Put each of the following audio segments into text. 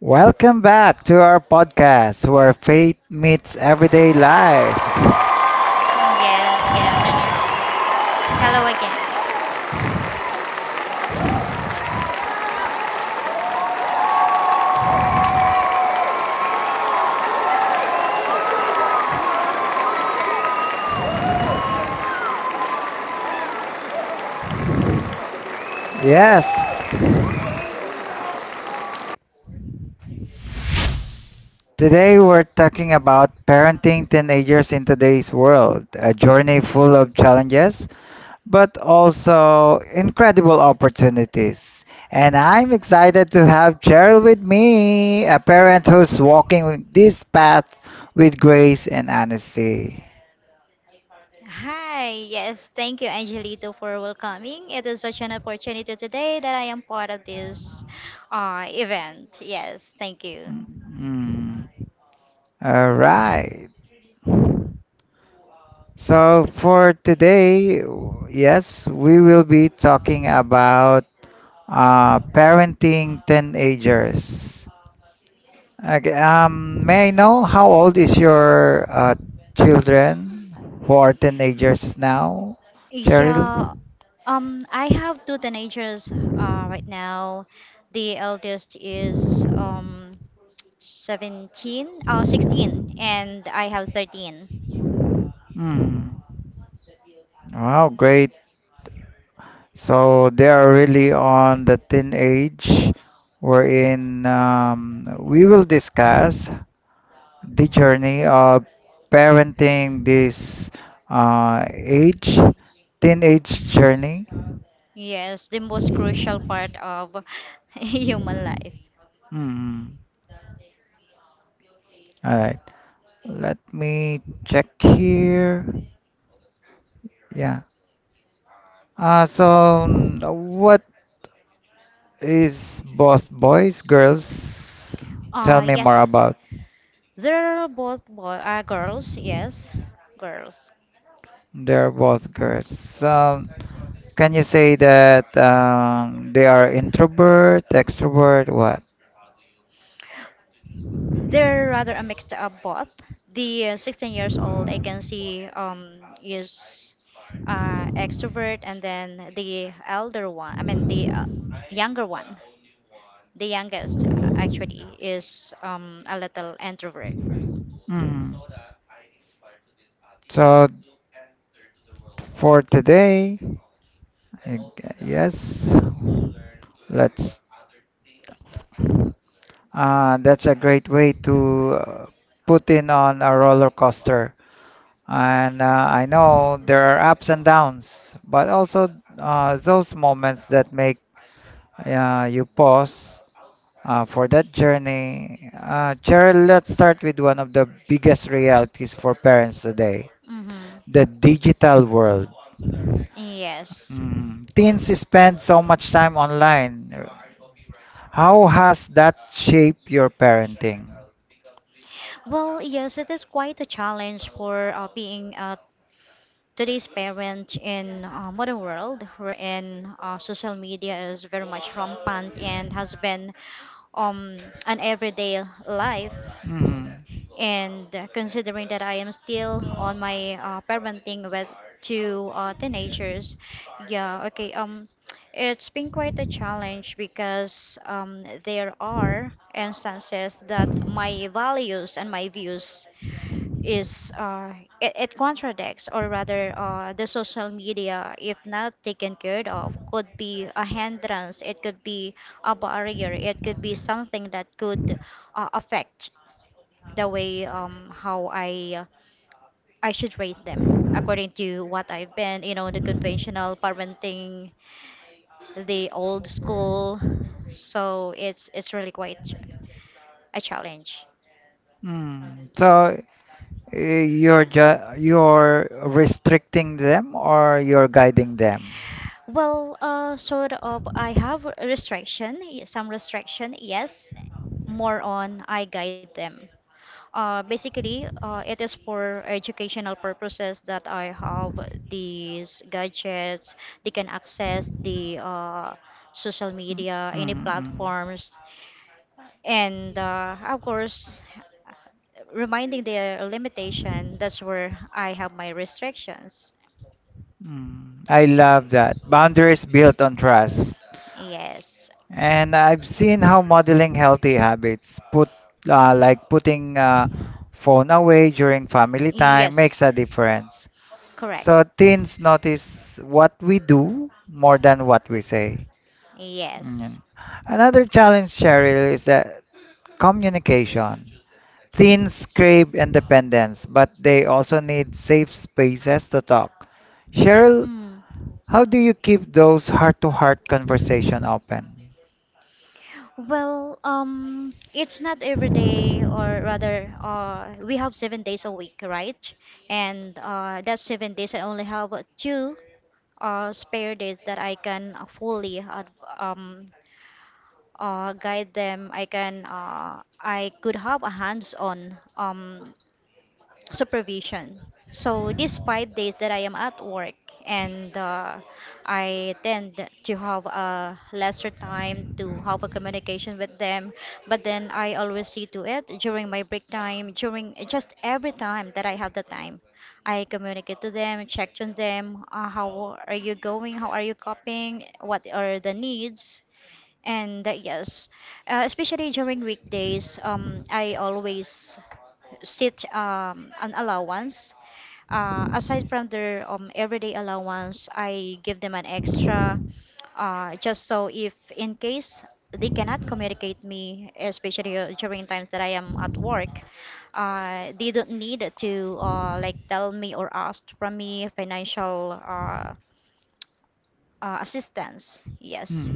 Welcome back to our podcast where faith meets everyday life. Yes, good afternoon. Hello again. Yes, today we're talking about parenting teenagers in today's world, a journey full of challenges but also incredible opportunities. And I'm excited to have Cheryl with me, a parent who's walking this path with grace and honesty. Hi, yes, thank you, Angelito, for welcoming. It is such an opportunity today that I am part of this event. Yes, thank you. Mm. All right. So for today, we will be talking about parenting teenagers. Okay, may I know how old is your children who are teenagers now, Cheryl? Yeah, I have two teenagers right now. The eldest is 17, 16, and I have 13. Hmm. Wow, great. So they are really on the thin edge wherein we will discuss the journey of Yeah. parenting this age, teenage journey. Yes, the most crucial part of human life. Mm. All right. Let me check here. Yeah. What is both boys, girls? Tell me more Yes, about. there are both girls, girls. They're both girls. Can you say that they are introvert, extrovert, what? They're rather a mix of both. The 16 years old, I can see, is extrovert, and then the elder one, I mean, the younger one, the youngest actually, is a little introvert. Mm. So for today, I g- yes, let's. That's a great way to put in on a roller coaster. And I know there are ups and downs, but also those moments that make you pause. For that journey, Cheryl, let's start with one of the biggest realities for parents today, Mm-hmm. the digital world. Yes. Mm, teens spend so much time online. How has that shaped your parenting? Well, yes, it is quite a challenge for being today's parent in modern world, wherein social media is very much rampant and has been um, an everyday life. Mm, And considering that I am still on my parenting with two teenagers, yeah, okay. It's been quite a challenge because there are instances that my values and my views is it, it contradicts, or rather, the social media, if not taken care of, could be a hindrance. It could be a barrier. It could be something that could affect the way how I should raise them according to what I've been, you know, the conventional parenting, the old school. So it's really a challenge. mm. So you're ju- you're restricting them or you're guiding them? Well, sort of. I have a restriction, some restriction. Yes, more on I guide them. Basically, it is for educational purposes that I have these gadgets. They can access the social media, Mm, any mm, mm. platforms, and of course reminding their limitation. That's where I have my restrictions. Mm, I love that. Boundaries built on trust. Yes, And I've seen how modeling healthy habits, put like putting phone away during family time, makes yes, a difference. correct, So teens notice what we do more than what we say. yes. Mm. Another challenge, Cheryl, is that communication. Teens crave independence, but they also need safe spaces to talk. Cheryl, Mm. how do you keep those heart-to-heart conversation open? Well, it's not every day, or rather, we have 7 days a week, right? And that 7 days, I only have two spare days that I can um, guide them. I could have a hands-on supervision. So these 5 days that I am at work, and I tend to have a lesser time to have a communication with them, but then I always see to it during my break time, during just every time that I have the time. I communicate to them, check on them. How are you going? How are you coping? What are the needs? And yes, especially during weekdays, I always sit an allowance. Aside from their everyday allowance, I give them an extra, just so if in case they cannot communicate me, especially during times that I am at work, they don't need to like tell me or ask from me financial assistance. Yes,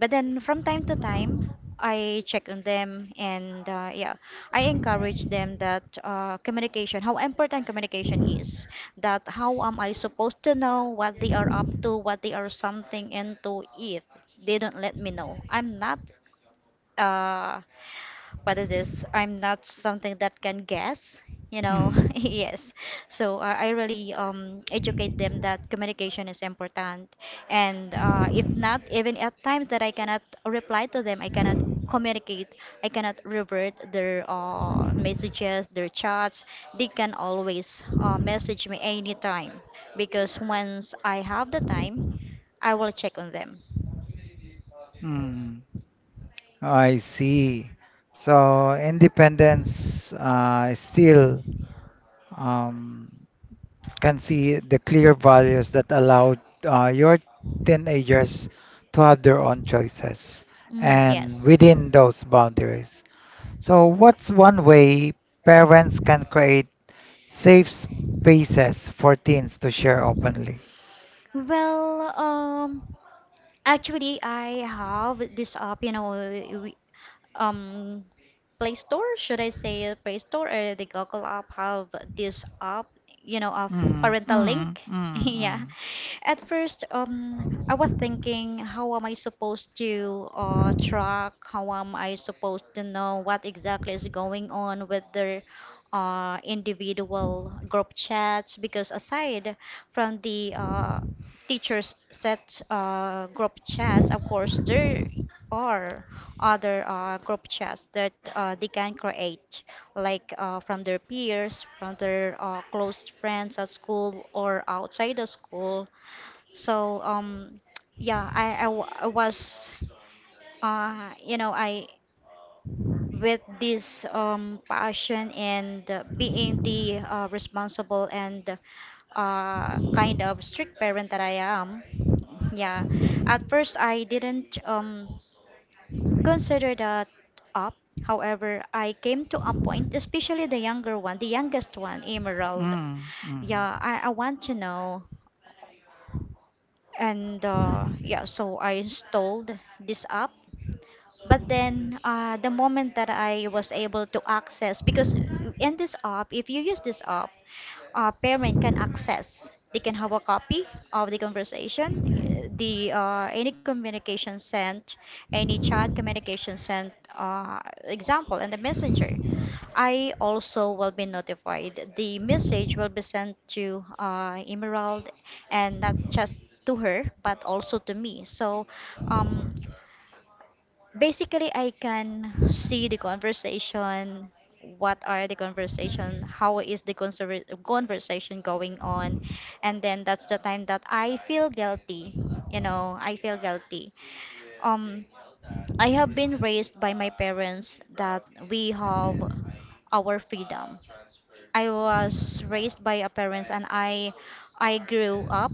but then from time to time, I check on them, and yeah, I encourage them that communication, how important communication is, that how am I supposed to know what they are up to, what they are something into if they don't let me know. I'm not uh, what it is. I'm not something that can guess, you know. Hmm. Yes. So I really educate them that communication is important. And if not, even at times that I cannot reply to them, I cannot communicate, I cannot revert their messages, their chats, they can always message me anytime, because once I have the time, I will check on them. Hmm. I see. So independence still um, can see the clear values that allow your teenagers to have their own choices Mm, and yes. within those boundaries. So what's one way parents can create safe spaces for teens to share openly? Well, um, Actually, I have this app, you know, um Play Store, should I say Play Store, or the Google app have this app, you know, of Mm, parental mm, link. mm, mm. Yeah. At first, I was thinking, how am I supposed to track? How am I supposed to know what exactly is going on with their individual group chats? Because aside from the teachers set group chats, of course, there are other group chats that they can create, like from their peers, from their close friends at school or outside the school. So yeah, I was, you know, I, with this passion and being the responsible and kind of strict parent that I am. Yeah, at first I didn't consider that up. However, I came to a point, especially the younger one, the youngest one, Emerald. Mm, mm. Yeah, I want to know. And yeah, so I installed this app, but then, the moment that I was able to access, because in this app, if you use this app, parent can access. They can have a copy of the conversation, eh, the any communication sent, any chat communication sent, example, and the messenger. I also will be notified. The message will be sent to Emerald, and not just to her, but also to me. So, um, basically I can see the conversation, what are the conversation, how is the conversation going on. And then that's the time that I feel guilty. You know, I feel guilty. um I have been raised by my parents that we have our freedom. I was raised by a parents, and I grew up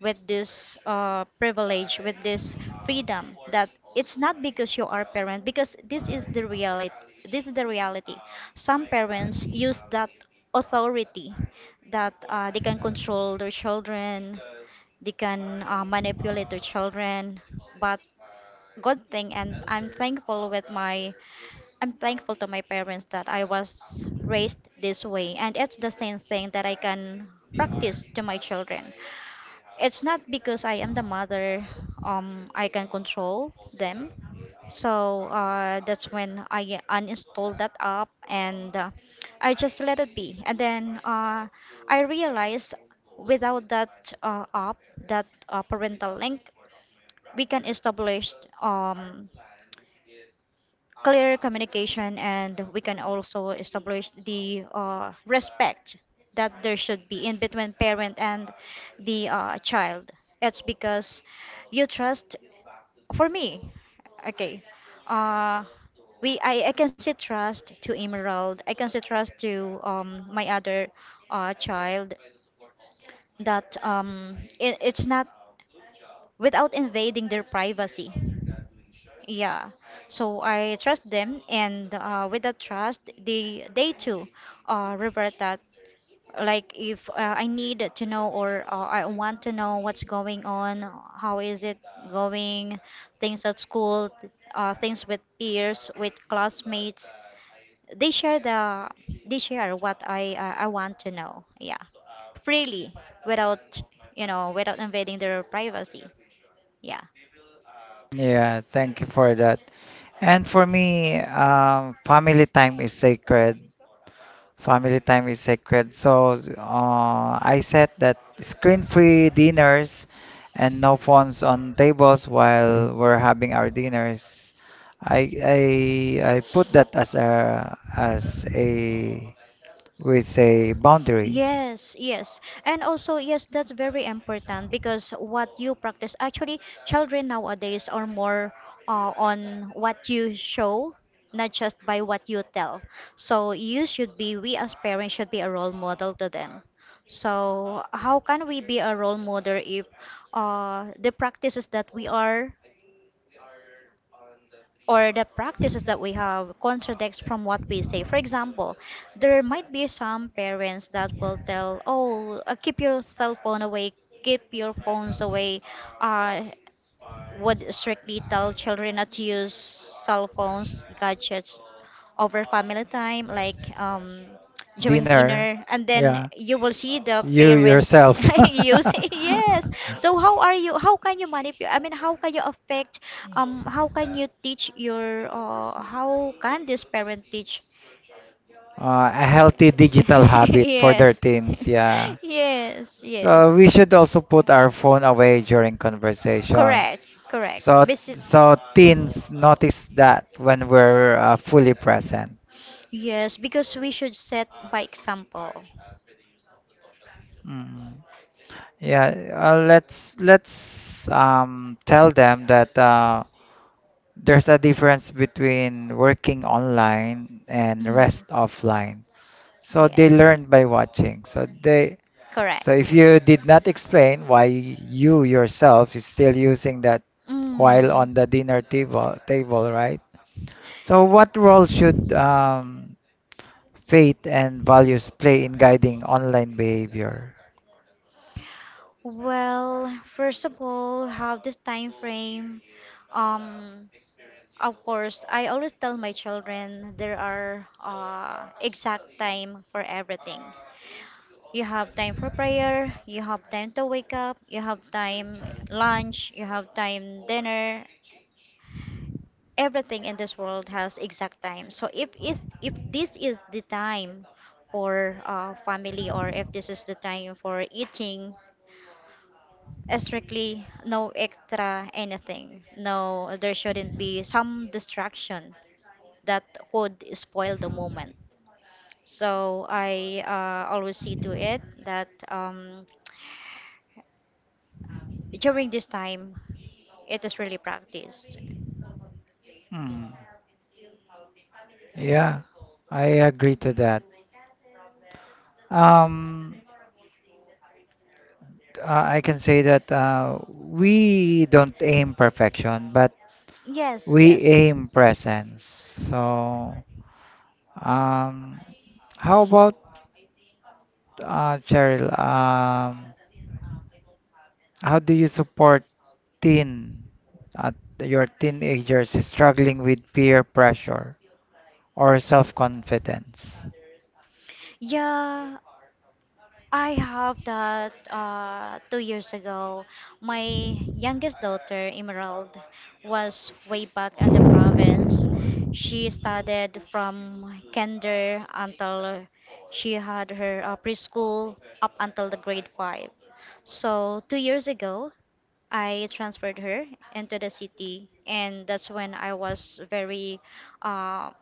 with this privilege, with this freedom that it's not because you are a parent, because this is the reality. This is the reality. Some parents use that authority that they can control their children, they can manipulate their children. But good thing, and I'm thankful to my parents that I was raised this way, and it's the same thing that I can practice to my children. It's not because I am the mother, I can control them. So that's when I uninstalled that app, and I just let it be. And then I realized without that app, that parental link, we can establish um, clear communication, and we can also establish the respect that there should be in between parent and the child. It's because you trust, for me. Okay. Uh we I can say trust to Emerald. I can say trust to my other child, that it, it's not without invading their privacy. Yeah. So I trust them, and with that trust they too revert that. Like if I need to know, or I want to know what's going on, how is it going, things at school, things with peers, with classmates, they share the they share what I want to know. Yeah, freely, without, you know, without invading their privacy. Yeah. Yeah, thank you for that. And for me, family time is sacred. Family time is sacred. So I said that screen-free dinners and no phones on tables while we're having our dinners. I I I put that as a, we say, boundary. Yes, yes. And also, yes, that's very important, because what you practice, actually, children nowadays are more on what you show, not just by what you tell. So you should be, we as parents should be a role model to them. So how can we be a role model if the practices that we are, or the practices that we have contradicts from what we say. For example, there might be some parents that will tell, "Oh, keep your cell phone away, keep your phones away." Uh, would strictly tell children not to use cell phones, gadgets over family time, like during Dinner. dinner, and then Yeah. you will see the You parent yourself. use. Yes. So how are you? How can you manipulate? I mean, how can you affect, how can you teach your, how can this parent teach? A healthy digital habit for their Yes. teens, yeah. Yes, So yes. we should also put our phone away during conversation. Correct, correct. So so teens notice that when we're fully present. Yes, because we should set by example. Mm. Yeah, let's tell them that there's a difference between working online and Mm, rest offline. So they yes, learn by watching. So they, correct. so if you did not explain why you yourself is still using that while Mm. on the dinner table, right? So what role should faith and values play in guiding online behavior? Well, first of all, how this time frame, um, of course, I always tell my children there are exact time for everything. You have time for prayer, you have time to wake up, you have time lunch, you have time dinner. Everything in this world has exact time. So if this is the time for family, or if this is the time for eating, strictly no extra anything. No, there shouldn't be some distraction that could spoil the moment. So I always see to it that during this time, it is really practiced. Hmm. Yeah, I agree to that. Um, I can say that we don't aim perfection, but Yes, we yes. aim presence. So, um, how about Cheryl? How do you support teen, uh, your teenagers struggling with peer pressure or self-confidence? Yeah, I have that 2 years ago. My youngest daughter, Emerald, was way back in the province. She studied from kinder until she had her preschool up until the grade five. So 2 years ago, I transferred her into the city, and that's when I was very, um,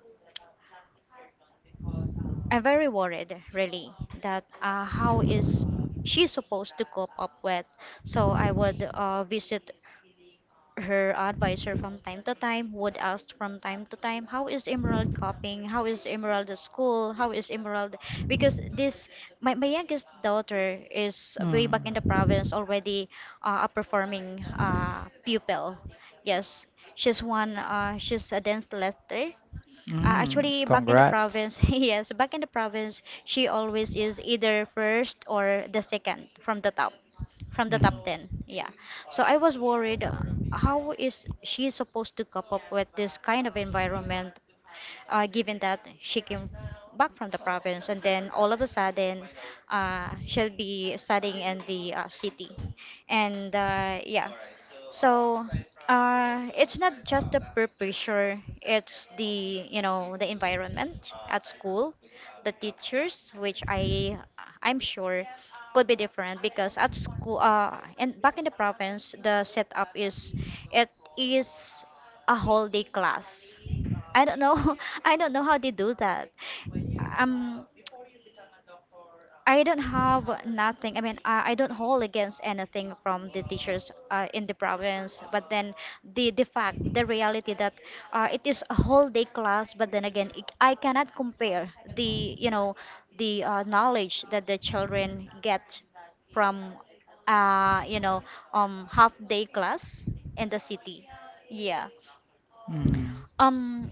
I'm very worried, really, that how is she supposed to cope up with. So I would visit her advisor from time to time, would ask from time to time, how is Emerald coping? How is Emerald at school? How is Emerald? Because this, my youngest daughter is way Mm. back in the province already a performing pupil. Yes, she's one, she's a dance letter, Mhm. actually, back in the Congrats. province, yes, back in the province, she always is either first or the second from the Mhm. top 10. Yeah. So I was worried, how is she supposed to cope up with this kind of environment, given that she came back from the province and then all of a sudden she'll be studying in the city. And so it's not just the peer pressure, it's the the environment at school, the teachers, which I'm sure could be different because at school, and back in the province, the setup is it is a whole day class. I don't know. I don't know how they do that. Um, I don't have nothing. I mean, I don't hold against anything from the teachers in the province. But then the fact, the reality that it is a whole day class. But then again, it, I cannot compare the, the knowledge that the children get from uh, you know half day class in the city. Yeah. Mhm. Um,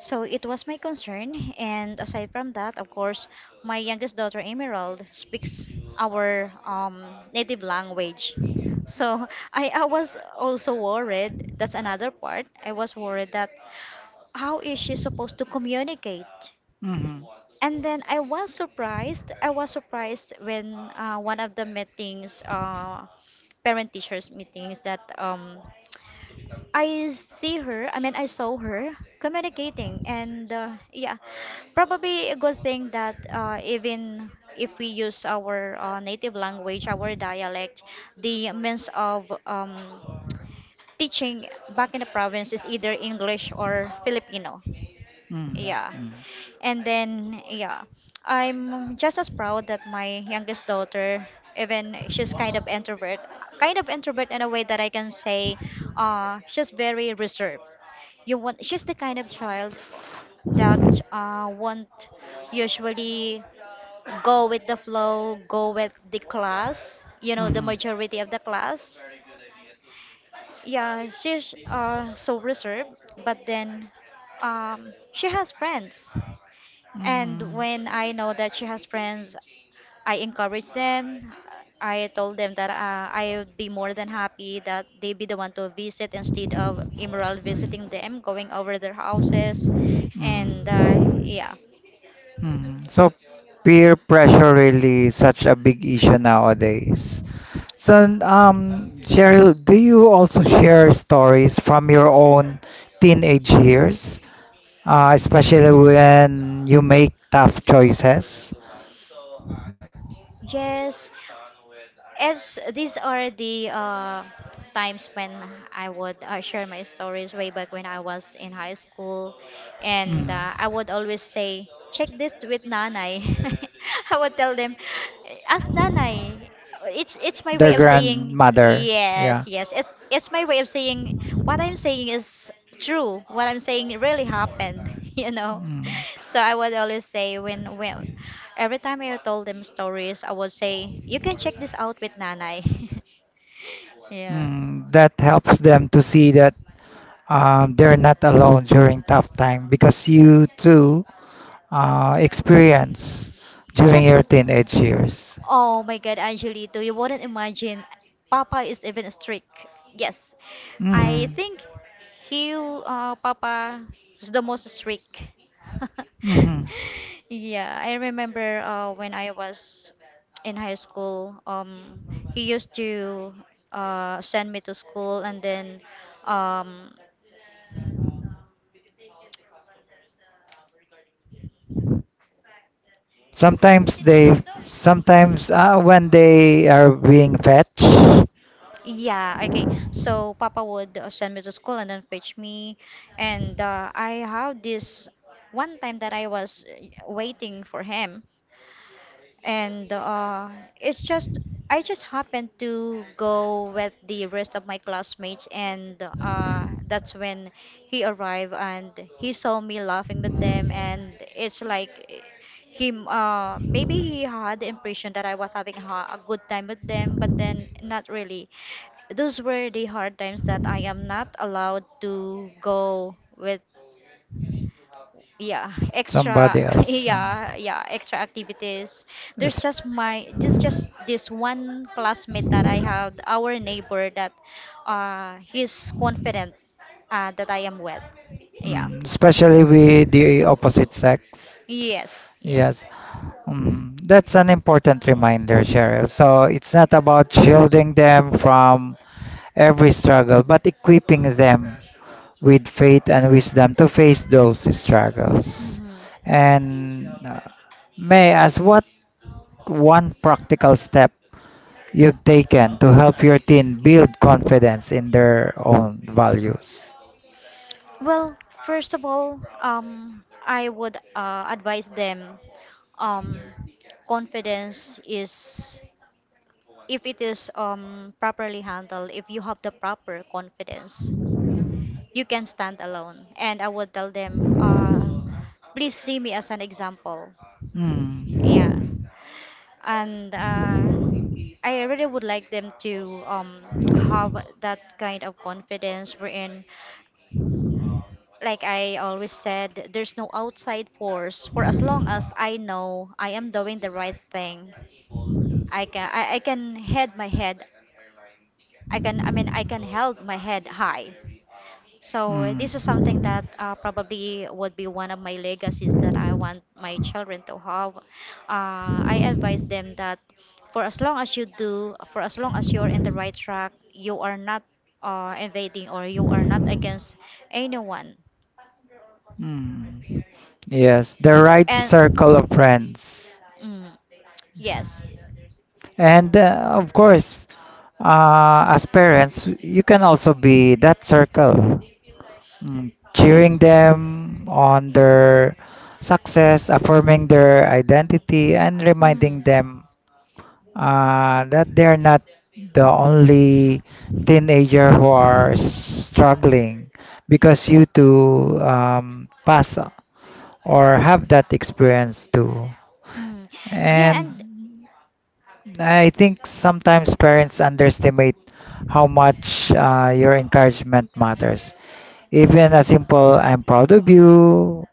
so it was my concern, and aside from that, of course, my youngest daughter Emerald speaks our native language. So I was also worried. That's another part. I was worried that how is she supposed to communicate? Mhm. And then I was surprised. I was surprised when, one of the meetings, parent teachers meetings, that I see her, I mean, I saw her communicating, and yeah, probably a good thing that even if we use our native language, our dialect, the means of teaching back in the province is either English or Filipino. Mm, Yeah. mm, And then, yeah, I'm just as proud that my youngest daughter, even she's kind of introvert in a way that I can say, she's very reserved. You want, she's the kind of child that won't usually go with the flow, go with the class, you know, the mhm, majority of the class. Yeah, she's so reserved, but then she has friends. And when I know that she has friends, I encourage them. I told them that I would be more than happy that they be the one to visit instead of immoral visiting them, going over their houses. mm, And mm, yeah. mm. So peer pressure really is such a big issue nowadays. So Cheryl, do you also share stories from your own teenage years, especially when you make tough choices? Yes, as these are the times when I would share my stories way back when I was in high school, Mm. and I would always say, "Check this with Nanay." I would tell them, "Ask Nanay." It's my Their way of saying grandmother. yes, Yeah. yes. It's my way of saying what I'm saying I is true. What I'm saying really happened, you know. Mm. So I would always say when every time I told them stories, I would say, "You can check this out with Nanay." Yeah. Mm, that helps them to see that they're not alone during tough time because you too experience during Yes. your teenage years. Oh my God, Angelito, you wouldn't imagine. Papa is even strict. Yes, I Mm-hmm. think he, Papa, is the most strict. Mm-hmm. Yeah, I remember when I was in high school, he used to send me to school and then um, Sometimes they, sometimes when they are being fetched, yeah, okay. So Papa would send me to school and then fetch me. And I have this one time that I was waiting for him and it's just I just happened to go with the rest of my classmates, and that's when he arrived and he saw me laughing with them, and it's like eh, him. Maybe he had the impression that I was having a good time with them, but then not really. Those were the hard times that I am not allowed to go with, yeah, extra somebody else. Yeah, yeah, extra activities. There's is, just my, just this one classmate that I have, our neighbor, that he's confident that I am wet. Yeah, especially with the opposite sex. yes, yes. Yes. Mm, that's an important reminder, Cheryl. So it's not about shielding them from every struggle, but equipping them with faith and wisdom to face those struggles. Mm-hmm. And may I ask what one practical step you've taken to help your teen build confidence in their own values? Well, first of all, I would advise them, um, confidence is, if it is properly handled, if you have the proper confidence, you can stand alone. And I would tell them, please see me as an example. Yeah. Mm. And I really would like them to have that kind of confidence wherein, like I always said, there's no outside force. For as long as I know I am doing the right thing, I can head my head. I can, I mean, I can held my head high. So this is something Mm. that probably would be one of my legacies that I want my children to have. I advise them that for as long as you do, for as long as you're in the right track, you are not invading or you are not against anyone. Hmm. Yes, the right circle of And friends. mm, yes. And of course, as parents, you can also be that circle, mm, cheering them on their success, affirming their identity, and Mm, reminding them that they're not the only teenager who are struggling because you too pass or have that experience too. mm. Yeah, And and I think sometimes parents underestimate how much your encouragement matters. Even a simple "I'm proud of you"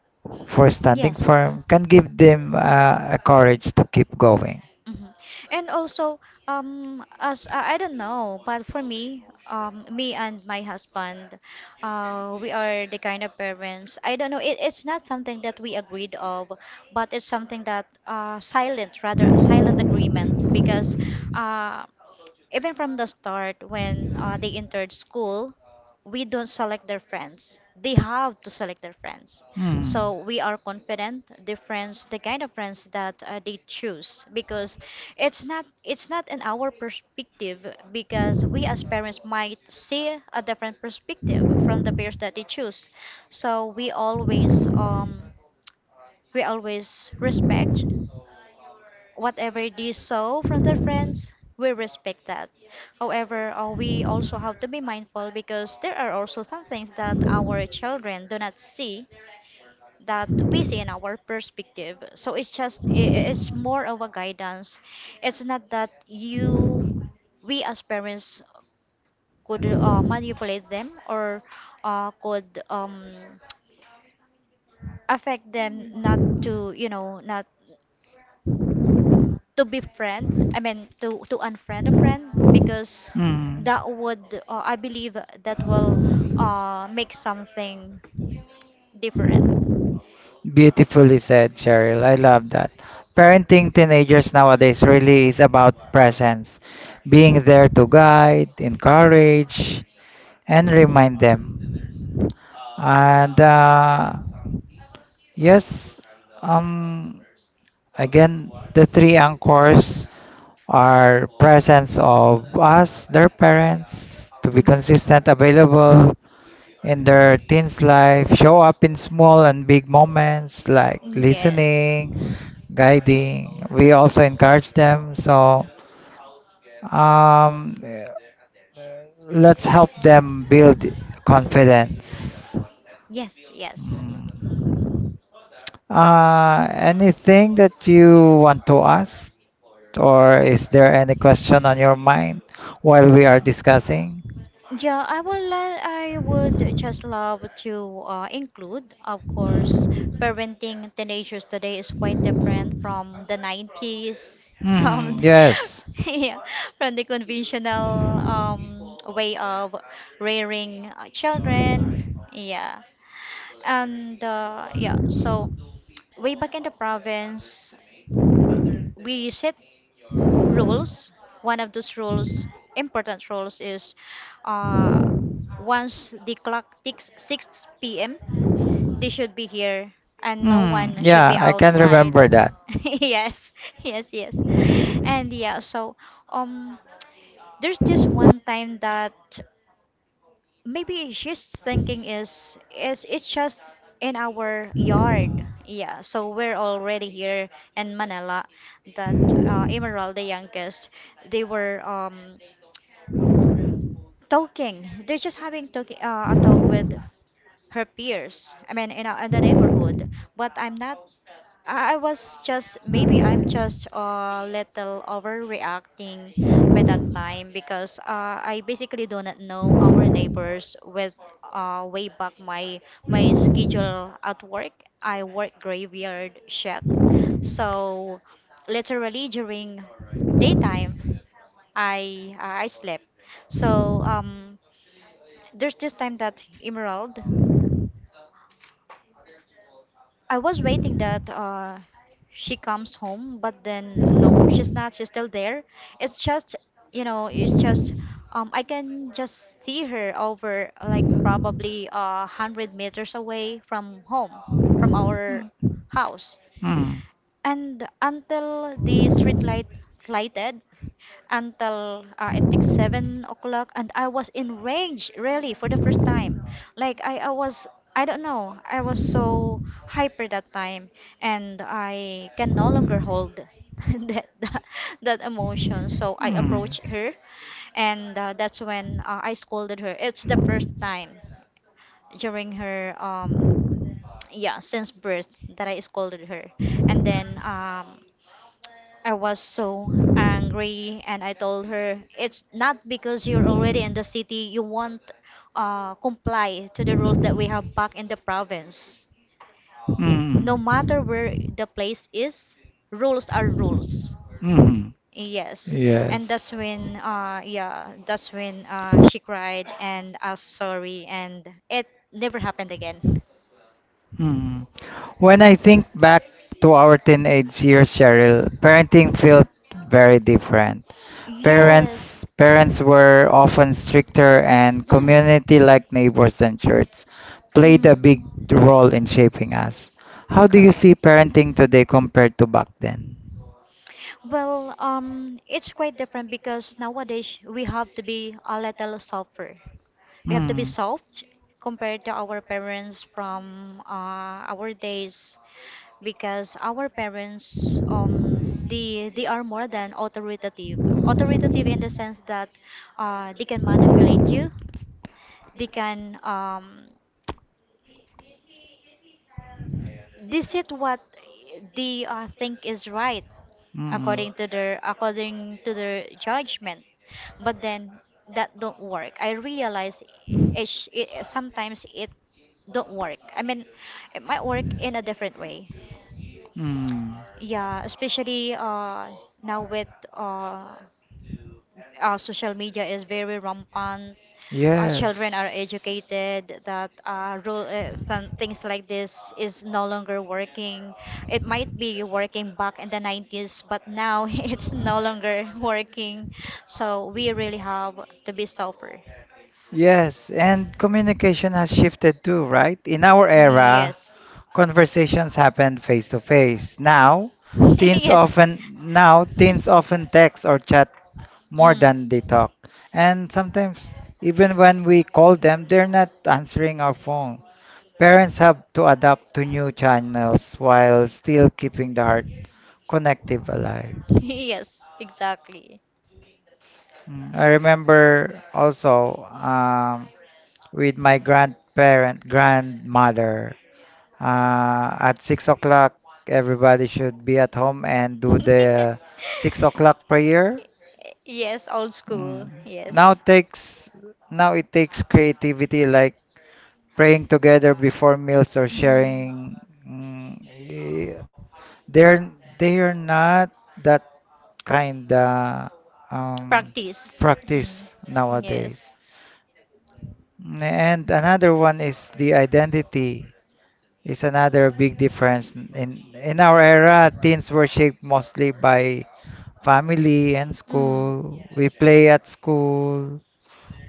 for standing yes. firm can give them a courage to keep going. Mhm. And also, as I don't know, but for me, me and my husband, we are the kind of parents. I don't know. It's not something that we agreed of, but it's something that silent, rather silent agreement, because uh, even from the start, when they entered school, we don't select their friends. They have to select their friends. Hmm. So we are confident the friends, the kind of friends that they choose, because it's not in our perspective, because we as parents might see a different perspective from the peers that they choose. So we always respect whatever they saw from their friends, we respect that. However, we also have to be mindful because there are also some things that our children do not see that we see in our perspective. So it's just, it's more of a guidance. It's not that you, we as parents could manipulate them or could affect them not to, you know, not to befriend. I mean, to unfriend a friend because Hmm. that would I believe that will make something different. Beautifully said, Cheryl. I love that. Parenting teenagers nowadays really is about presence, being there to guide, encourage, and remind them. And yes, um, again, the three anchors are presence of us, their parents, to be Mhm. consistent, available in their teens' life, show up in small and big moments like Yes. listening, guiding. We also encourage them. So um, let's help them build confidence. Yes, yes. Mm. Anything that you want to ask, or is there any question on your mind while we are discussing? Yeah, I would just love to include, of course, parenting teenagers today is quite different from the 90s, from Hmm, the, yes. yeah, from the conventional way of rearing children. Yeah. And yeah, so way back in the province, we set rules. One of those rules, important rules, is uh, once the clock ticks 6 p.m., they should be here and no Hmm, one should be yeah, I can outside. remember that. Yes, yes, yes. And yeah, so um, there's just one time that maybe she's thinking is it's just in our yard. Yeah, so we're already here in Manila that Emerald, the youngest, they were talking. They're just having talk, a talk with her peers. I mean, in the neighborhood. But I'm not. I was just maybe I'm just a little overreacting by that time because I basically do not know our neighbors with way back my schedule at work. I work graveyard shift, so literally during daytime I slept. So there's this time that Emerald, I was waiting that she comes home, but then no, she's not. She's still there. It's just, you know, it's just, I can just see her over like probably 100 meters away from home, from our house, Hmm. and until the street light lighted, until it took 7 o'clock. And I was enraged, really, for the first time. Like I was, I don't know, I was so hyper that time, and I can no longer hold that, that emotion. So I Hmm. approached her and that's when I scolded her. It's the first time during her yeah, since birth, that I scolded her. And then I was so angry and I told her, it's not because you're already in the city you won't comply to the rules that we have back in the province. Hmm. No matter where the place is, rules are rules. Hmm. Yes. And Yes. that's when yeah, that's when Uh, she cried and asked sorry, and it never happened again. hmm. When I think back to our teenage years, Cheryl, parenting felt very different. Yes. Parents were often stricter, and Mm. community like neighbors and church played a Mhm. big role in shaping us. How do you Correct. see parenting today compared to back then? Well, it's quite different because nowadays we have to be a little softer, we have to be Hmm. soft compared to our parents from our days, because our parents they are more than authoritative. Authoritative in the sense that they can manipulate you, they can this is what they think is right Mm. according to their, according to their judgment. But then that don't work. I realize it, it sometimes it don't work. I mean, it might work in a different way. Mm. Yeah, especially now with social media is very rampant. Our children are Yes. educated that rule, some things like this is no longer working. It might be working back in the 90s, but now it's no longer working, so we really have to be tougher. Yes, and communication has shifted too, right? In our era, Yes. conversations happened face to face. Now, Yes. Teens often text or chat more Mm. than they talk. And sometimes even when we call them, they're not answering our phone. Parents have to adapt to new channels while still keeping the heart connective alive. Yes, exactly. Mm, I remember also with my grandparent, grandmother. At 6 o'clock, everybody should be at home and do the 6 o'clock prayer. Yes, old school. Mm. Now Yes. takes now it takes creativity like praying together before meals or Mm. sharing. They're they're not that kind of um, Practice. Mm. practice nowadays. Yes. And another one is the identity. It's another big difference. In our era, teens were shaped mostly by family and Mm. school. We play at school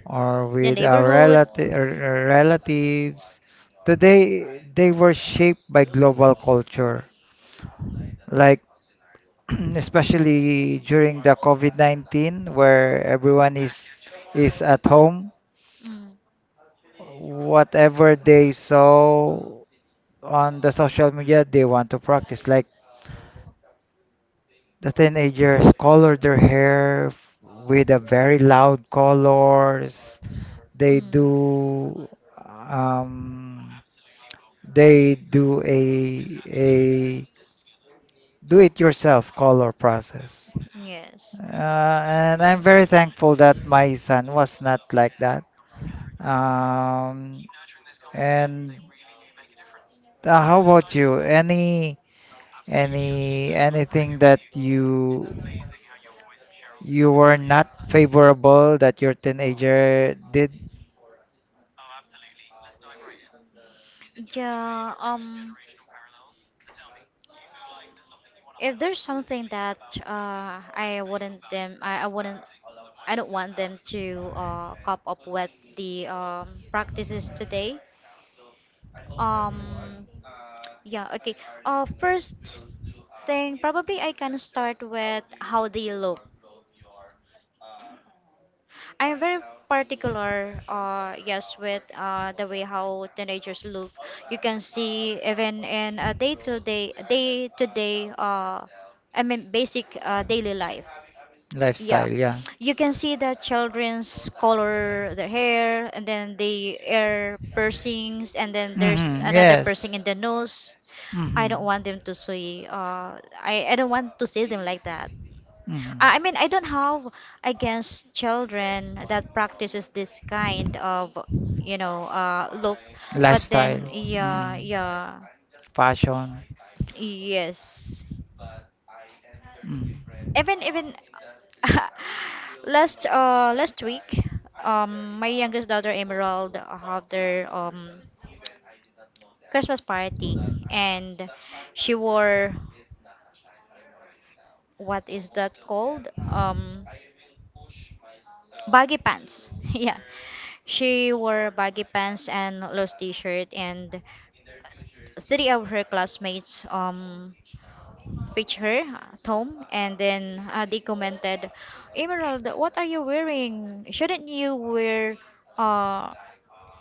or The with our neighborhood. Relatives. Today, they were shaped by global culture, like, especially during the COVID-19, where everyone is at home. Mm. Whatever they saw on the social media, they want to practice. Like, the teenagers color their hair with a very loud colors. They Mm. do um, a do-it-yourself color process. Yes. And I'm very thankful that my son was not like that. Um, and how about you? Anything that you were not favorable that your teenager did? Yeah, if there's something that I wouldn't I don't want them to cop up with the practices today. Um, yeah, okay. First thing, probably I can start with how they look. I am very particular, yes, with the way how teenagers look. You can see even in a day-to-day, I mean, basic daily life. Yeah, Lifestyle, yeah. you can see the children's color their hair, and then the ear piercings, and then there's Mm-hmm, another piercing yes. in the nose. I Mm-hmm, don't want them to see. I don't want to see them like that. I mm-hmm. mean, I don't have against children that practices this kind of, you know, look, but then, Lifestyle, yeah, mm-hmm. yeah, Fashion, yes. mm. Even last week, my youngest daughter Emerald have their Christmas party, and she wore what is that called? Baggy pants. Yeah, she wore baggy pants and loose t-shirt, and three of her classmates featured her, Tom, and then they commented, "Emerald, what are you wearing? Shouldn't you wear uh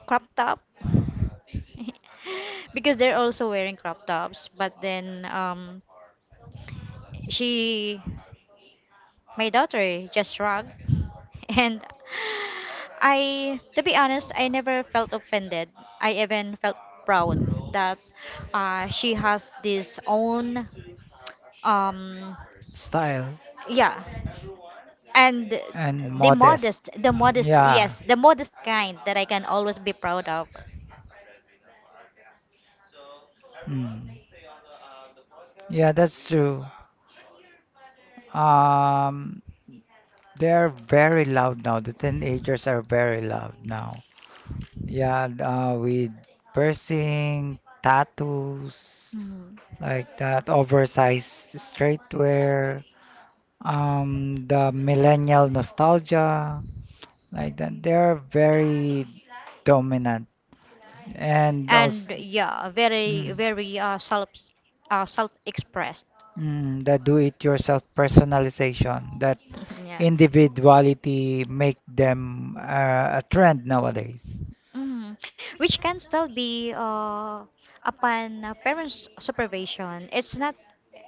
crop top?" Because they're also wearing crop tops, but then she my daughter just shrugged. And I, to be honest, I never felt offended. I even felt proud that she has this own, um, Style, yeah, and and modest. The modest, Yeah. yes, the modest kind that I can always be proud of. Mm. Yeah, that's true. Um, they are very loud now. The teenagers are very loud now. Yeah, with piercing, tattoos, Mhm. like that, oversized streetwear, the millennial nostalgia, like that. They are very dominant and And also, yeah, very, mm. very self, self-expressed. Mm, that do-it-yourself personalization, that Yeah. individuality make them a trend nowadays. Mhm. Which can still be upon parents' supervision. It's not.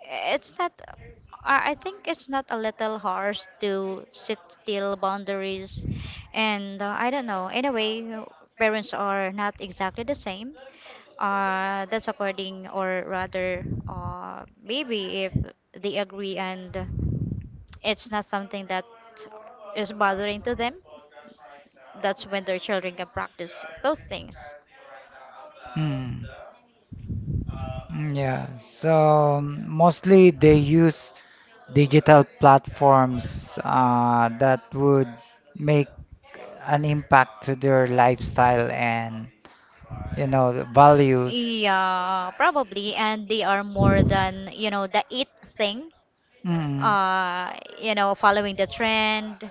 It's not. I think it's not a little harsh to sit still boundaries, and I don't know. Anyway, parents are not exactly the same. That's according, or rather, maybe if they agree and it's not something that is bothering to them. That's when their children can practice those things. Mm. Mm, yeah, so mostly they use digital platforms that would make an impact to their lifestyle and, you know, the values. Yeah, probably. And they are more than, you know, the it thing, Mm. uh, you know, following the trend.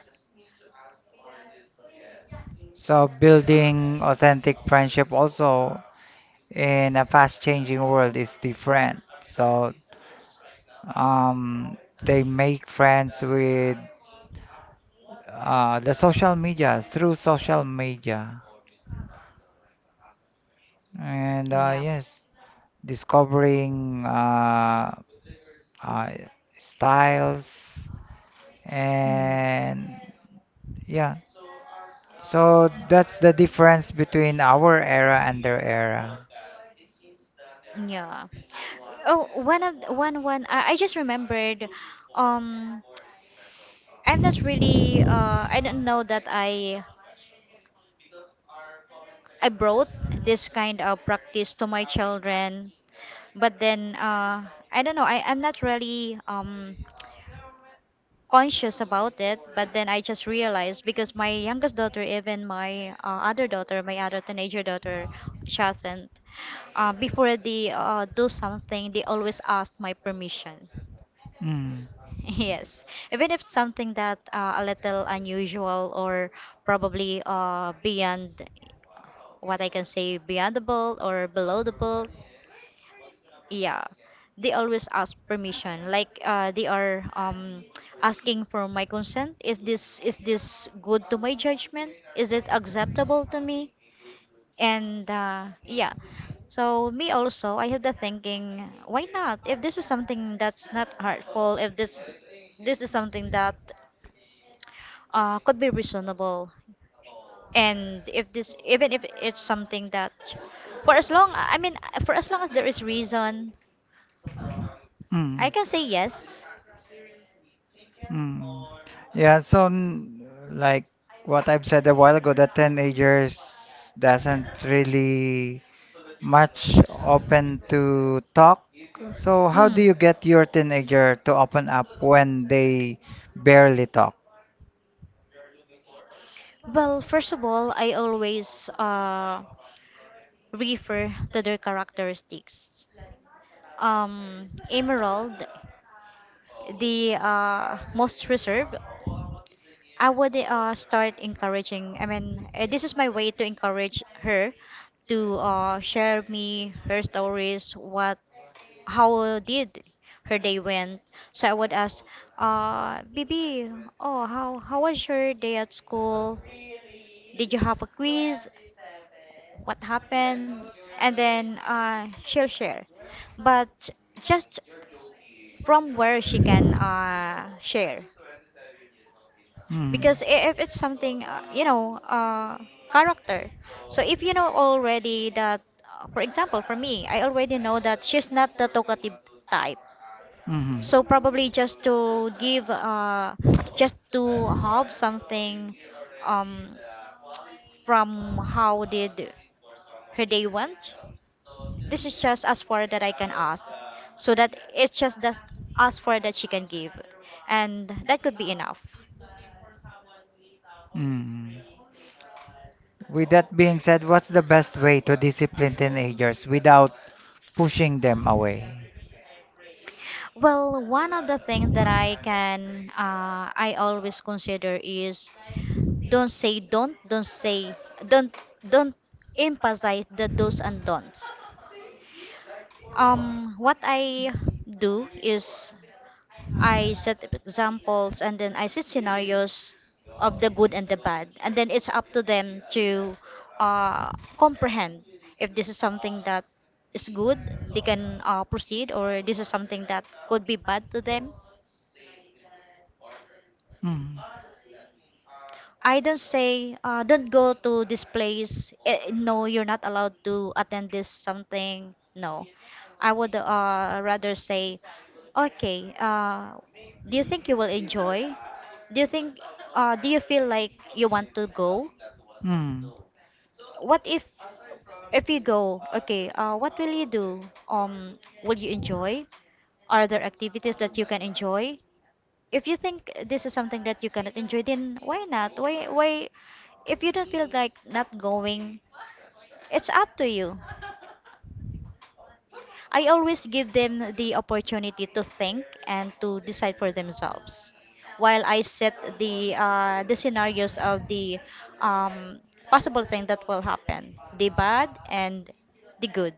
So building authentic friendship also in a fast-changing world is different. So um, they make friends with the social media through social media, and Yeah. yes, discovering uh, styles Mm. and yeah. So that's the difference between our era and their era. Yeah. Oh, one of one one. I just remembered. Um, I'm not really. I don't know that I brought this kind of practice to my children, but then I don't know. I'm not really conscious about it, but then I just realized because my youngest daughter, even my other daughter, my other teenager daughter Shathan, before they do something, they always ask my permission. Mm. Yes, even if something that a little unusual or probably beyond what I can say, beyond the belt or below the belt, yeah, they always ask permission, like they are asking for my consent. Is this, is this good to my judgment? Is it acceptable to me? And yeah. So me also, I have the thinking, why not? If this is something that's not hurtful, if this, this is something that could be reasonable, and if this, even if it's something that, for as long, I mean, for as long as there is reason, I Mm. can say yes. Mm. Yeah, so like what I've said a while ago, the teenagers doesn't really much open to talk. So how do Mm. you get your teenager to open up when they barely talk? Well, first of all, I always refer to their characteristics. Emerald, the most reserved, I would start encouraging. I mean, this is my way to encourage her to share me her stories, what, how did her day went. So I would ask, BB, oh, how was your day at school? Did you have a quiz? What happened? And then she'll share, but just from where she can share. Mm. Because if it's something, you know, character. So if you know already that, for example, for me, I already know that she's not the talkative type. Mhm. So probably just to give, just to have something, um, from how did her day went. This is just as far that I can ask. So that it's just that as far that she can give. And that could be enough. Mm. With that being said, what's the best way to discipline teenagers without pushing them away? Well, one of the things that I can, I always consider is don't say, don't, don't emphasize the do's and don'ts. What I do is I set examples and then I set scenarios of the good and the bad. And then it's up to them to uh, comprehend if this is something that is good, they can proceed, or this is something that could be bad to them. Mm. I don't say, don't go to this place. Eh, no, you're not allowed to attend this something. No. I would rather say, okay, do you think you will enjoy? Do you think, do you feel like you want to go? Mm. What if you go, okay, what will you do? Will you enjoy? Are there activities that you can enjoy? If you think this is something that you cannot enjoy, then why not? If you don't feel like not going, it's up to you. I always give them the opportunity to think and to decide for themselves while I set the scenarios of the um, possible thing that will happen, the bad and the good.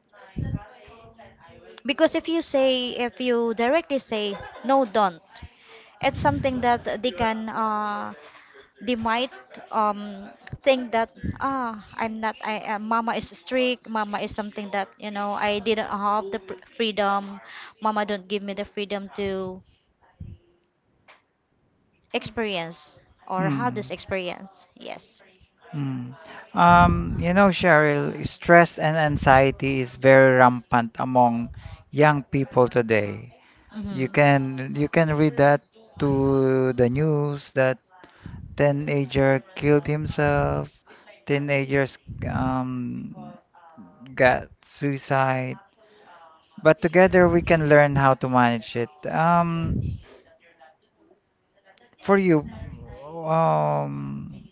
Because if you say, if you directly say, no, don't, it's something that they can, they might um, think that, ah, I'm not, mama is strict, mama is something that, you know, I didn't have the freedom, mama don't give me the freedom to experience or have this Mm. experience. Yes. Mm. You know, Cheryl, stress and anxiety is very rampant among young people today. You Mm-hmm. can you can read that to the news that teenager killed himself, teenagers um, got suicide. But together we can learn how to manage it. For you, um,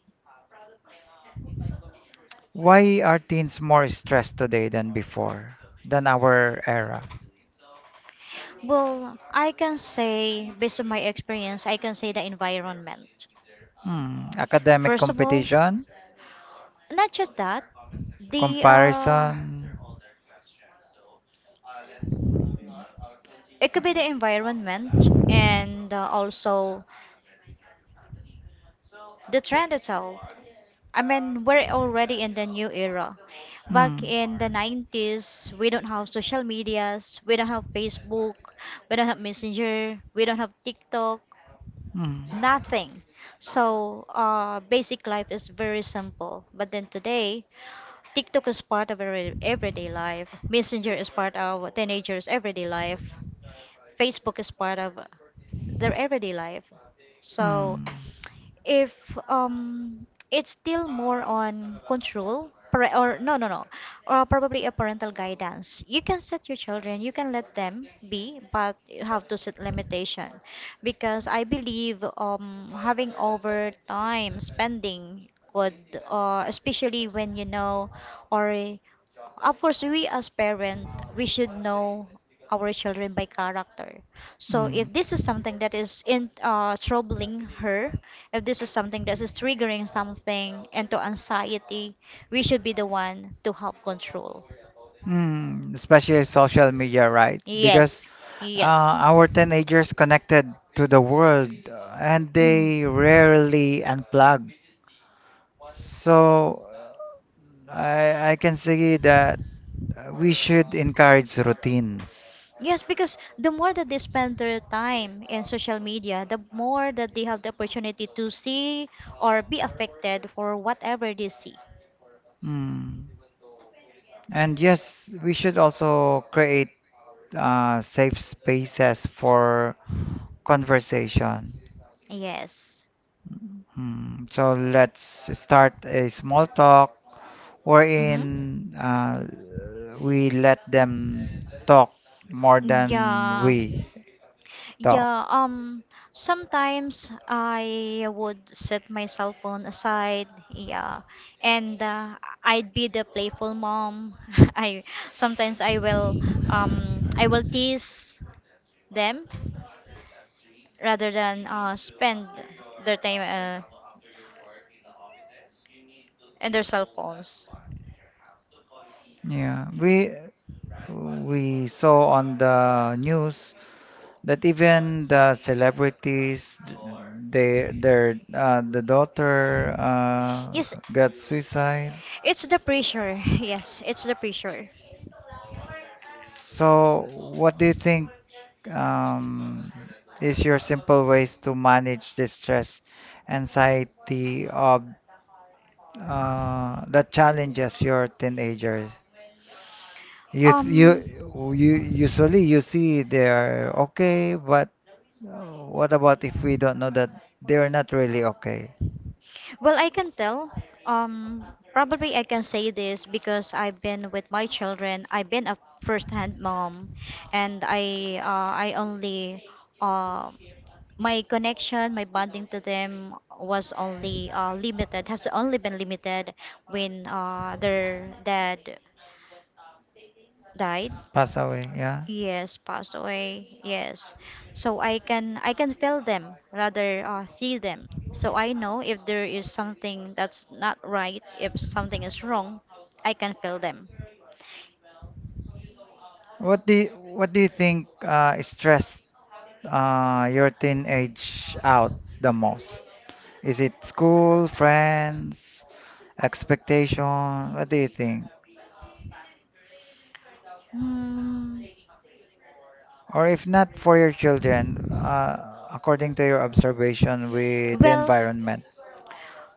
why are teens more stressed today than before, than our era? Well, I can say, based on my experience, I can say the environment. Hmm, academic First of all, competition, not just that, the comparison. it could be the environment, and also the trend itself. I mean, we're already in the new era. Back Hmm. in the 90s, we don't have social medias, we don't have Facebook, we don't have Messenger, we don't have TikTok. Mm. Nothing. So basic life is very simple. But then today, TikTok is part of our everyday life. Messenger is part of teenagers' everyday life. Facebook is part of their everyday life. So Mm. if it's still more on control or no no no or probably a parental guidance, you can set your children, you can let them be, but you have to set limitation, because I believe having over time spending could, especially when you know, or of course, we as parent, we should know our children by character. So Mm. if this is something that is in troubling her, if this is something that is triggering something into anxiety, we should be the one to help control. Mm. Especially social media, right? Because Yes, uh, yes. our teenagers connected to the world and Mm. they rarely unplug. So I can say that we should encourage routines. Yes, because the more that they spend their time in social media, the more that they have the opportunity to see or be affected for whatever they see. Mm. And yes, we should also create safe spaces for conversation. Yes. Hmm, so let's start a small talk wherein Mm-hmm. We let them talk more than Yeah, we talk. yeah. Sometimes I would set my cell phone aside. Yeah, and I'd be the playful mom. I sometimes I will tease them rather than spend their time in their cell phones. Yeah, we saw on the news that even the celebrities, they, their the daughter Yes, got suicide. it's the pressure. Yes, it's the pressure. So, what do you think um, is your simple ways to manage the stress, anxiety of that challenges your teenagers? You you Um, you usually you see they're okay, but what about if we don't know that they're not really okay? well, I can tell. Um, probably I can say this because I've been with my children. I've been a first-hand mom, and I only um my connection, my bonding to them was only limited, has only been limited when their dad died. Pass away, yeah. Yes, passed away. Yes. So I can feel them, rather see them. So I know if there is something that's not right, if something is wrong, I can feel them. What do you think stressed your teenage out the most? Is it school, friends, expectation? What do you think? Hmm. Or if not for your children, according to your observation with the Well, environment.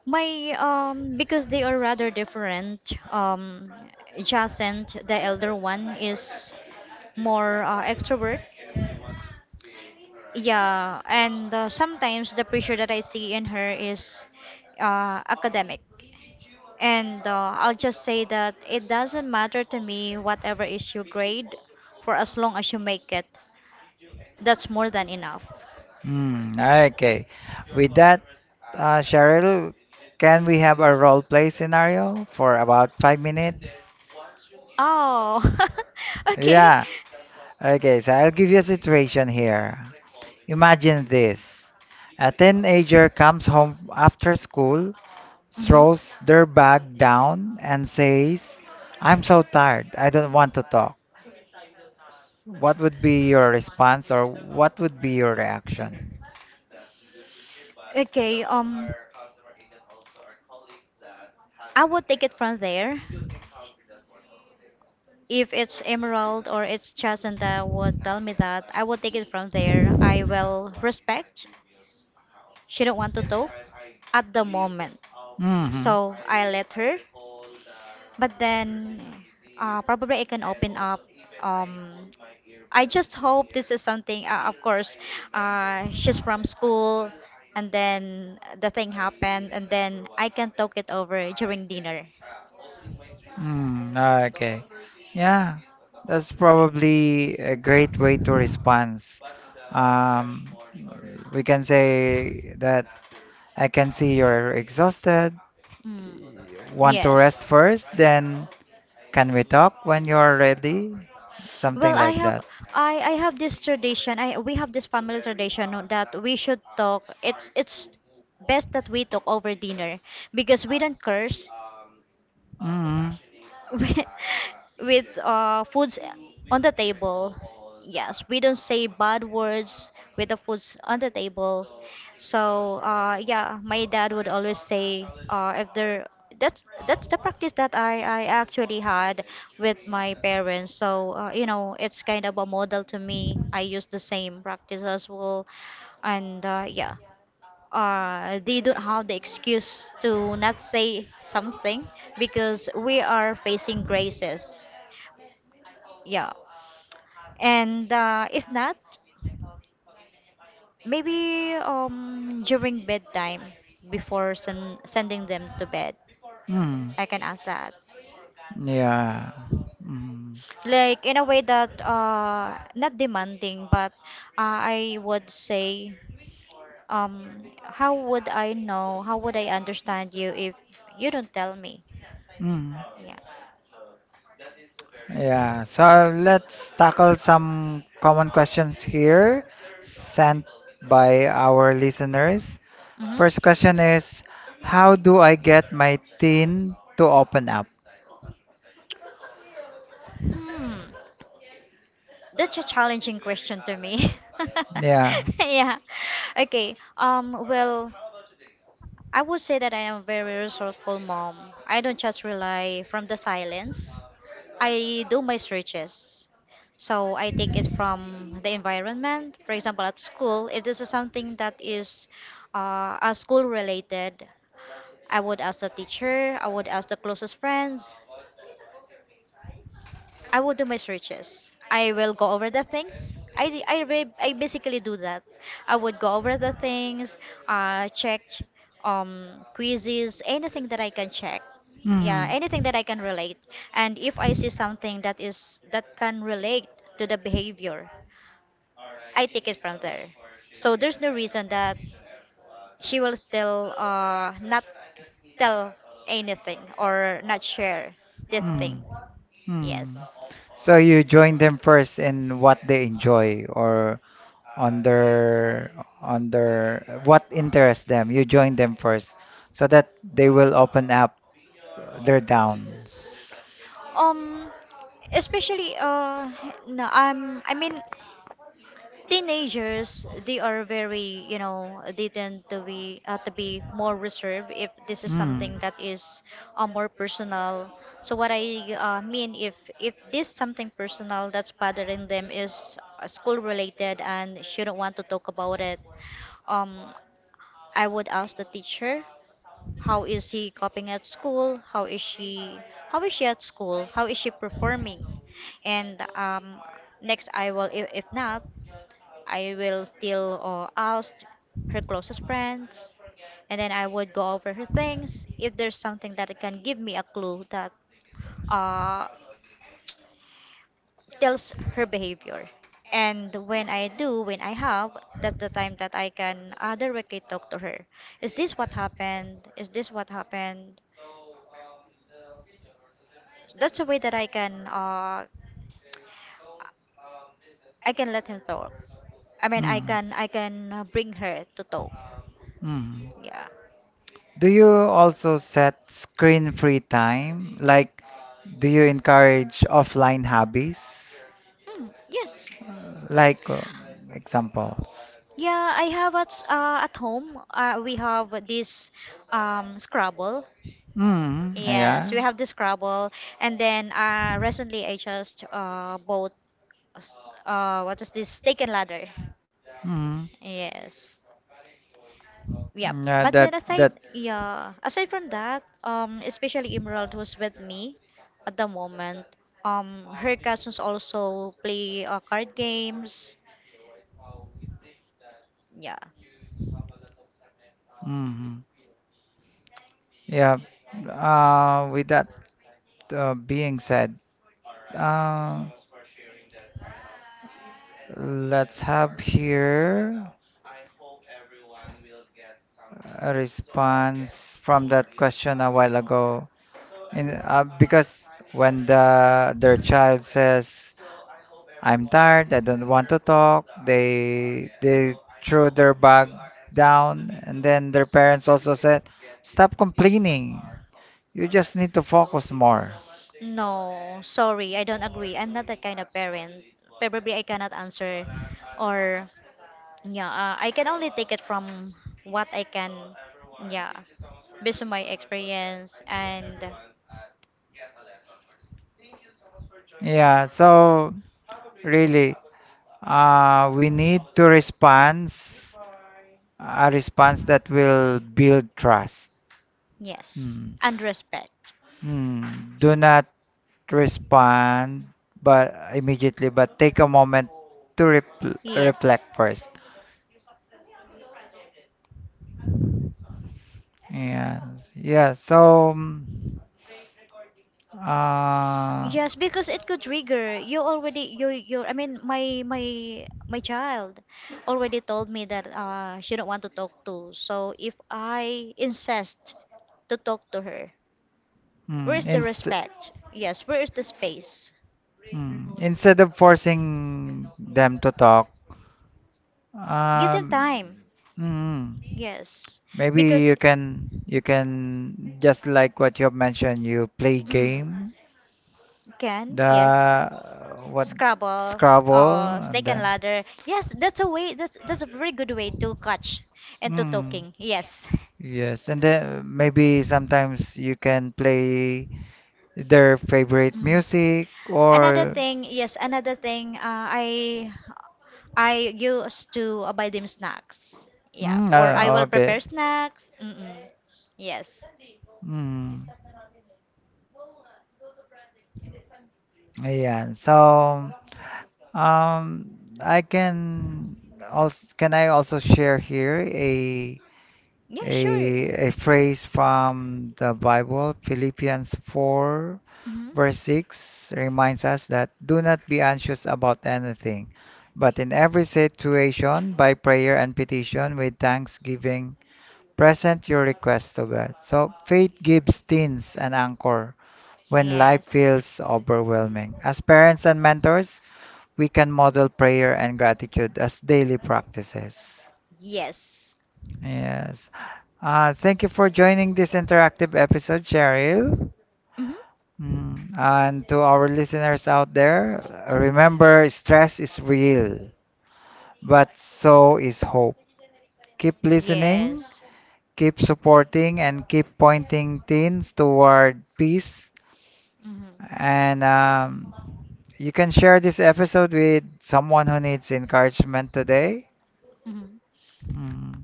my because they are rather different. Um, Jacent, the elder one, is more extrovert. Yeah, and sometimes the pressure that I see in her is academic. And I'll just say that it doesn't matter to me whatever is your grade, for as long as you make it. That's more than enough. Hmm, okay. With that, Cheryl, can we have a role play scenario for about 5 minutes? Oh, okay. Yeah. Okay, so I'll give you a situation here. Imagine this. A teenager comes home after school, Hmm. throws their bag down, and says, "I'm so tired, I don't want to talk." What would be your response or what would be your reaction? Okay, I will take it from there. If it's Emerald or it's Chasanda would tell me that, I would take it from there. I will respect. She don't want to talk at the moment, Mm-hmm. so I let her. But then, probably I can open up. Um, I just hope this is something. Of course, she's from school, and then the thing happened, and then I can talk it over during dinner. Mm, okay. Yeah, that's probably a great way to respond. Um, we can say that I can see you're exhausted. Mm. Want to Yes. rest first, then can we talk when you're ready? Well, Something like that. I have this tradition. I we have this family tradition, no, that we should talk. It's best that we talk over dinner because we don't curse Mm. with, with foods on the table. Yes, we don't say bad words with the foods on the table. So yeah, my dad would always say if there that's the practice that I actually had with my parents. So it's kind of a model to me. I use the same practice as well, and yeah, they don't have the excuse to not say something because we are facing graces. Yeah, and if not, maybe during bedtime before sending them to bed, Mm. I can ask that. Yeah. Mm. Like in a way that not demanding but I would say how would I know, how would I understand you if you don't tell me. Mm. Yeah. Yeah. So let's tackle some common questions here sent by our listeners. First Mm-hmm. question is, how do I get my teen to open up? Hmm. That's a challenging question to me. Yeah. yeah. Okay. Well, I would say that I am a very resourceful mom. I don't just rely from the silence. I do my searches. So I take it from the environment. For example, at school, if this is something that is a school related, I would ask the teacher, I would ask the closest friends, I will do my searches. I will go over the things. I basically do that. I would go over the things, check quizzes, anything that I can check. Yeah, Mm. anything that I can relate. And if I see something that is that can relate to the behavior, I take it from there. So there's no reason that she will still not tell anything or not share this thing. Hmm. Mm. Yes. So you join them first in what they enjoy or on their on their what interests them. You join them first so that they will open up their downs. Um, especially no, I mean, teenagers, they are very, you know, they tend to be more reserved if this is Hmm. something that is more personal. So what I mean, if this something personal that's bothering them is school related and shouldn't want to talk about it, um I would ask the teacher, how is he coping at school? How is she? How is she at school? How is she performing? And next, I will. If not, I will still ask her closest friends, and then I would go over her things. If there's something that can give me a clue that uh tells her behavior. And when I do, when I have, that's the time that I can directly talk to her. Is this what happened? Is this what happened? That's the way that I can let him talk. I mean, I Hmm. can I can uh, bring her to talk. Hmm. Yeah. Do you also set screen-free time? Like, do you encourage offline hobbies? Mm, yes. Like, examples. Yeah, I have at at home. We have this Scrabble. Mm, Yes, we yeah. have the Scrabble, and then recently I just bought s- what is this, Steak and Ladder. Mm, Yes. Yeah, yeah, but that, then aside, that, yeah, aside from that, especially Emerald, who's with me at the moment, her cousins also play card games. Yeah. mm, yeah. With that being said, uh, let's have here a response from that question a while ago. Because when the their child says, "I'm tired, I don't want to talk," they threw their bag down, and then their parents also said, "Stop complaining. You just need to focus more." No, sorry, I don't agree. I'm not that kind of parent. Probably I cannot answer, or yeah, I can only take it from what I can, yeah, based on my experience and Yeah, so really. We need to response a response that will build trust. yes, Mm. and respect. Mm. Do not respond but immediately, but take a moment to repl Yes. reflect first. Yes, yeah. So, mm, uh, Yes, because it could trigger. You already you you I mean, my child already told me that she don't want to talk to. So if I insist to talk to her, where mm, is the inst respect? Yes, where is the space? mm, instead of forcing them to talk, Give um, them time. mm, Yes. maybe Because you can just like what you have mentioned, you play mm, game, can, the yes. What, Scrabble, Scrabble, and Snake and then Ladder. Yes, that's a way. That's a very good way to catch and to mm, talking. Yes. yes, and then maybe sometimes you can play their favorite Mm. music Another or thing, yes, another thing. I used to buy them snacks. Yeah, mm, or I will prepare okay, snacks. Mm-mm. Yes. mm, ayan. So. Um, I can also can I also share here Yeah, a sure. a phrase from the Bible, Philippians 4 Mm-hmm. verse 6 reminds us that do not be anxious about anything, but in every situation by prayer and petition with thanksgiving present your request to God. So faith gives teens an anchor when life Yes. feels overwhelming. As parents and mentors, we can model prayer and gratitude as daily practices. Yes. Yes. Thank you for joining this interactive episode, Cheryl. Hmm. Mm, and to our listeners out there, remember stress is real, but so is hope. Keep listening, Yes. keep supporting, and keep pointing teens toward peace. Hmm. And you can share this episode with someone who needs encouragement today. Hmm. Mm.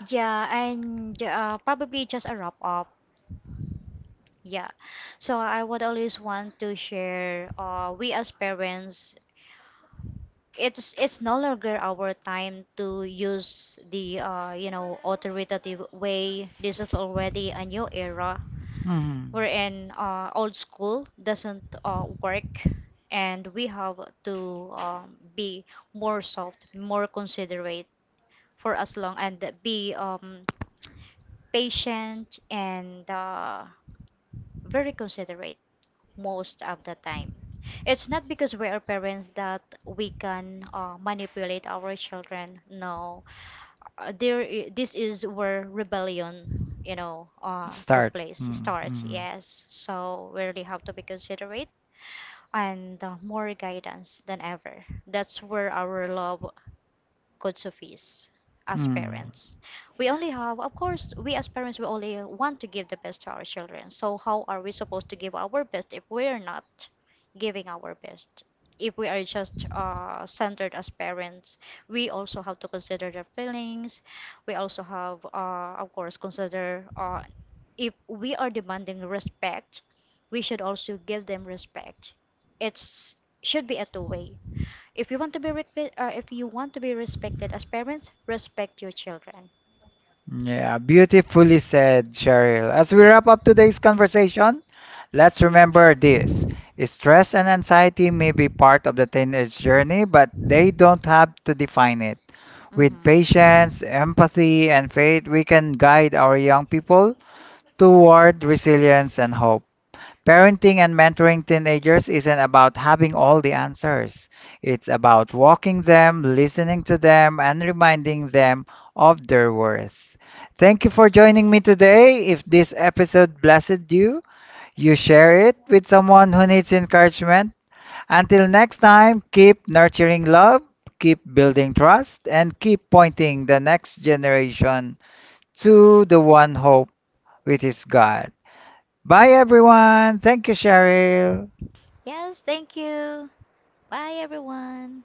Yeah, and probably just a wrap up. Yeah. So I would always want to share we as parents, it's no longer our time to use the authoritative way. This is already a new era Mm. wherein old school doesn't work, and we have to be more soft, more considerate for as long, and be patient and very considerate most of the time. It's not because we are parents that we can manipulate our children, no. This is where rebellion, you know, took Start. place. It Mm. starts, Mm. yes, so we really have to be considerate and more guidance than ever. That's where our love could suffice Well. as Mm. parents. We only have, of course, we as parents, we only want to give the best to our children. So how are we supposed to give our best if we're not giving our best? If we are just centered as parents, we also have to consider their feelings. We also have, of course, consider if we are demanding respect, we should also give them respect. It's should be a two way. If you want to be if you want to be respected as parents, respect your children. Yeah, beautifully said, Cheryl. As we wrap up today's conversation, let's remember this. Stress and anxiety may be part of the teenage journey, but they don't have to define it. With Hmm. patience, empathy, and faith, we can guide our young people toward resilience and hope. Parenting and mentoring teenagers isn't about having all the answers. It's about walking them, listening to them, and reminding them of their worth. Thank you for joining me today. If this episode blessed you, you share it with someone who needs encouragement. Until next time, keep nurturing love, keep building trust, and keep pointing the next generation to the one hope, which is God. Bye, everyone. Thank you, Cheryl. Yes, thank you. Bye, everyone.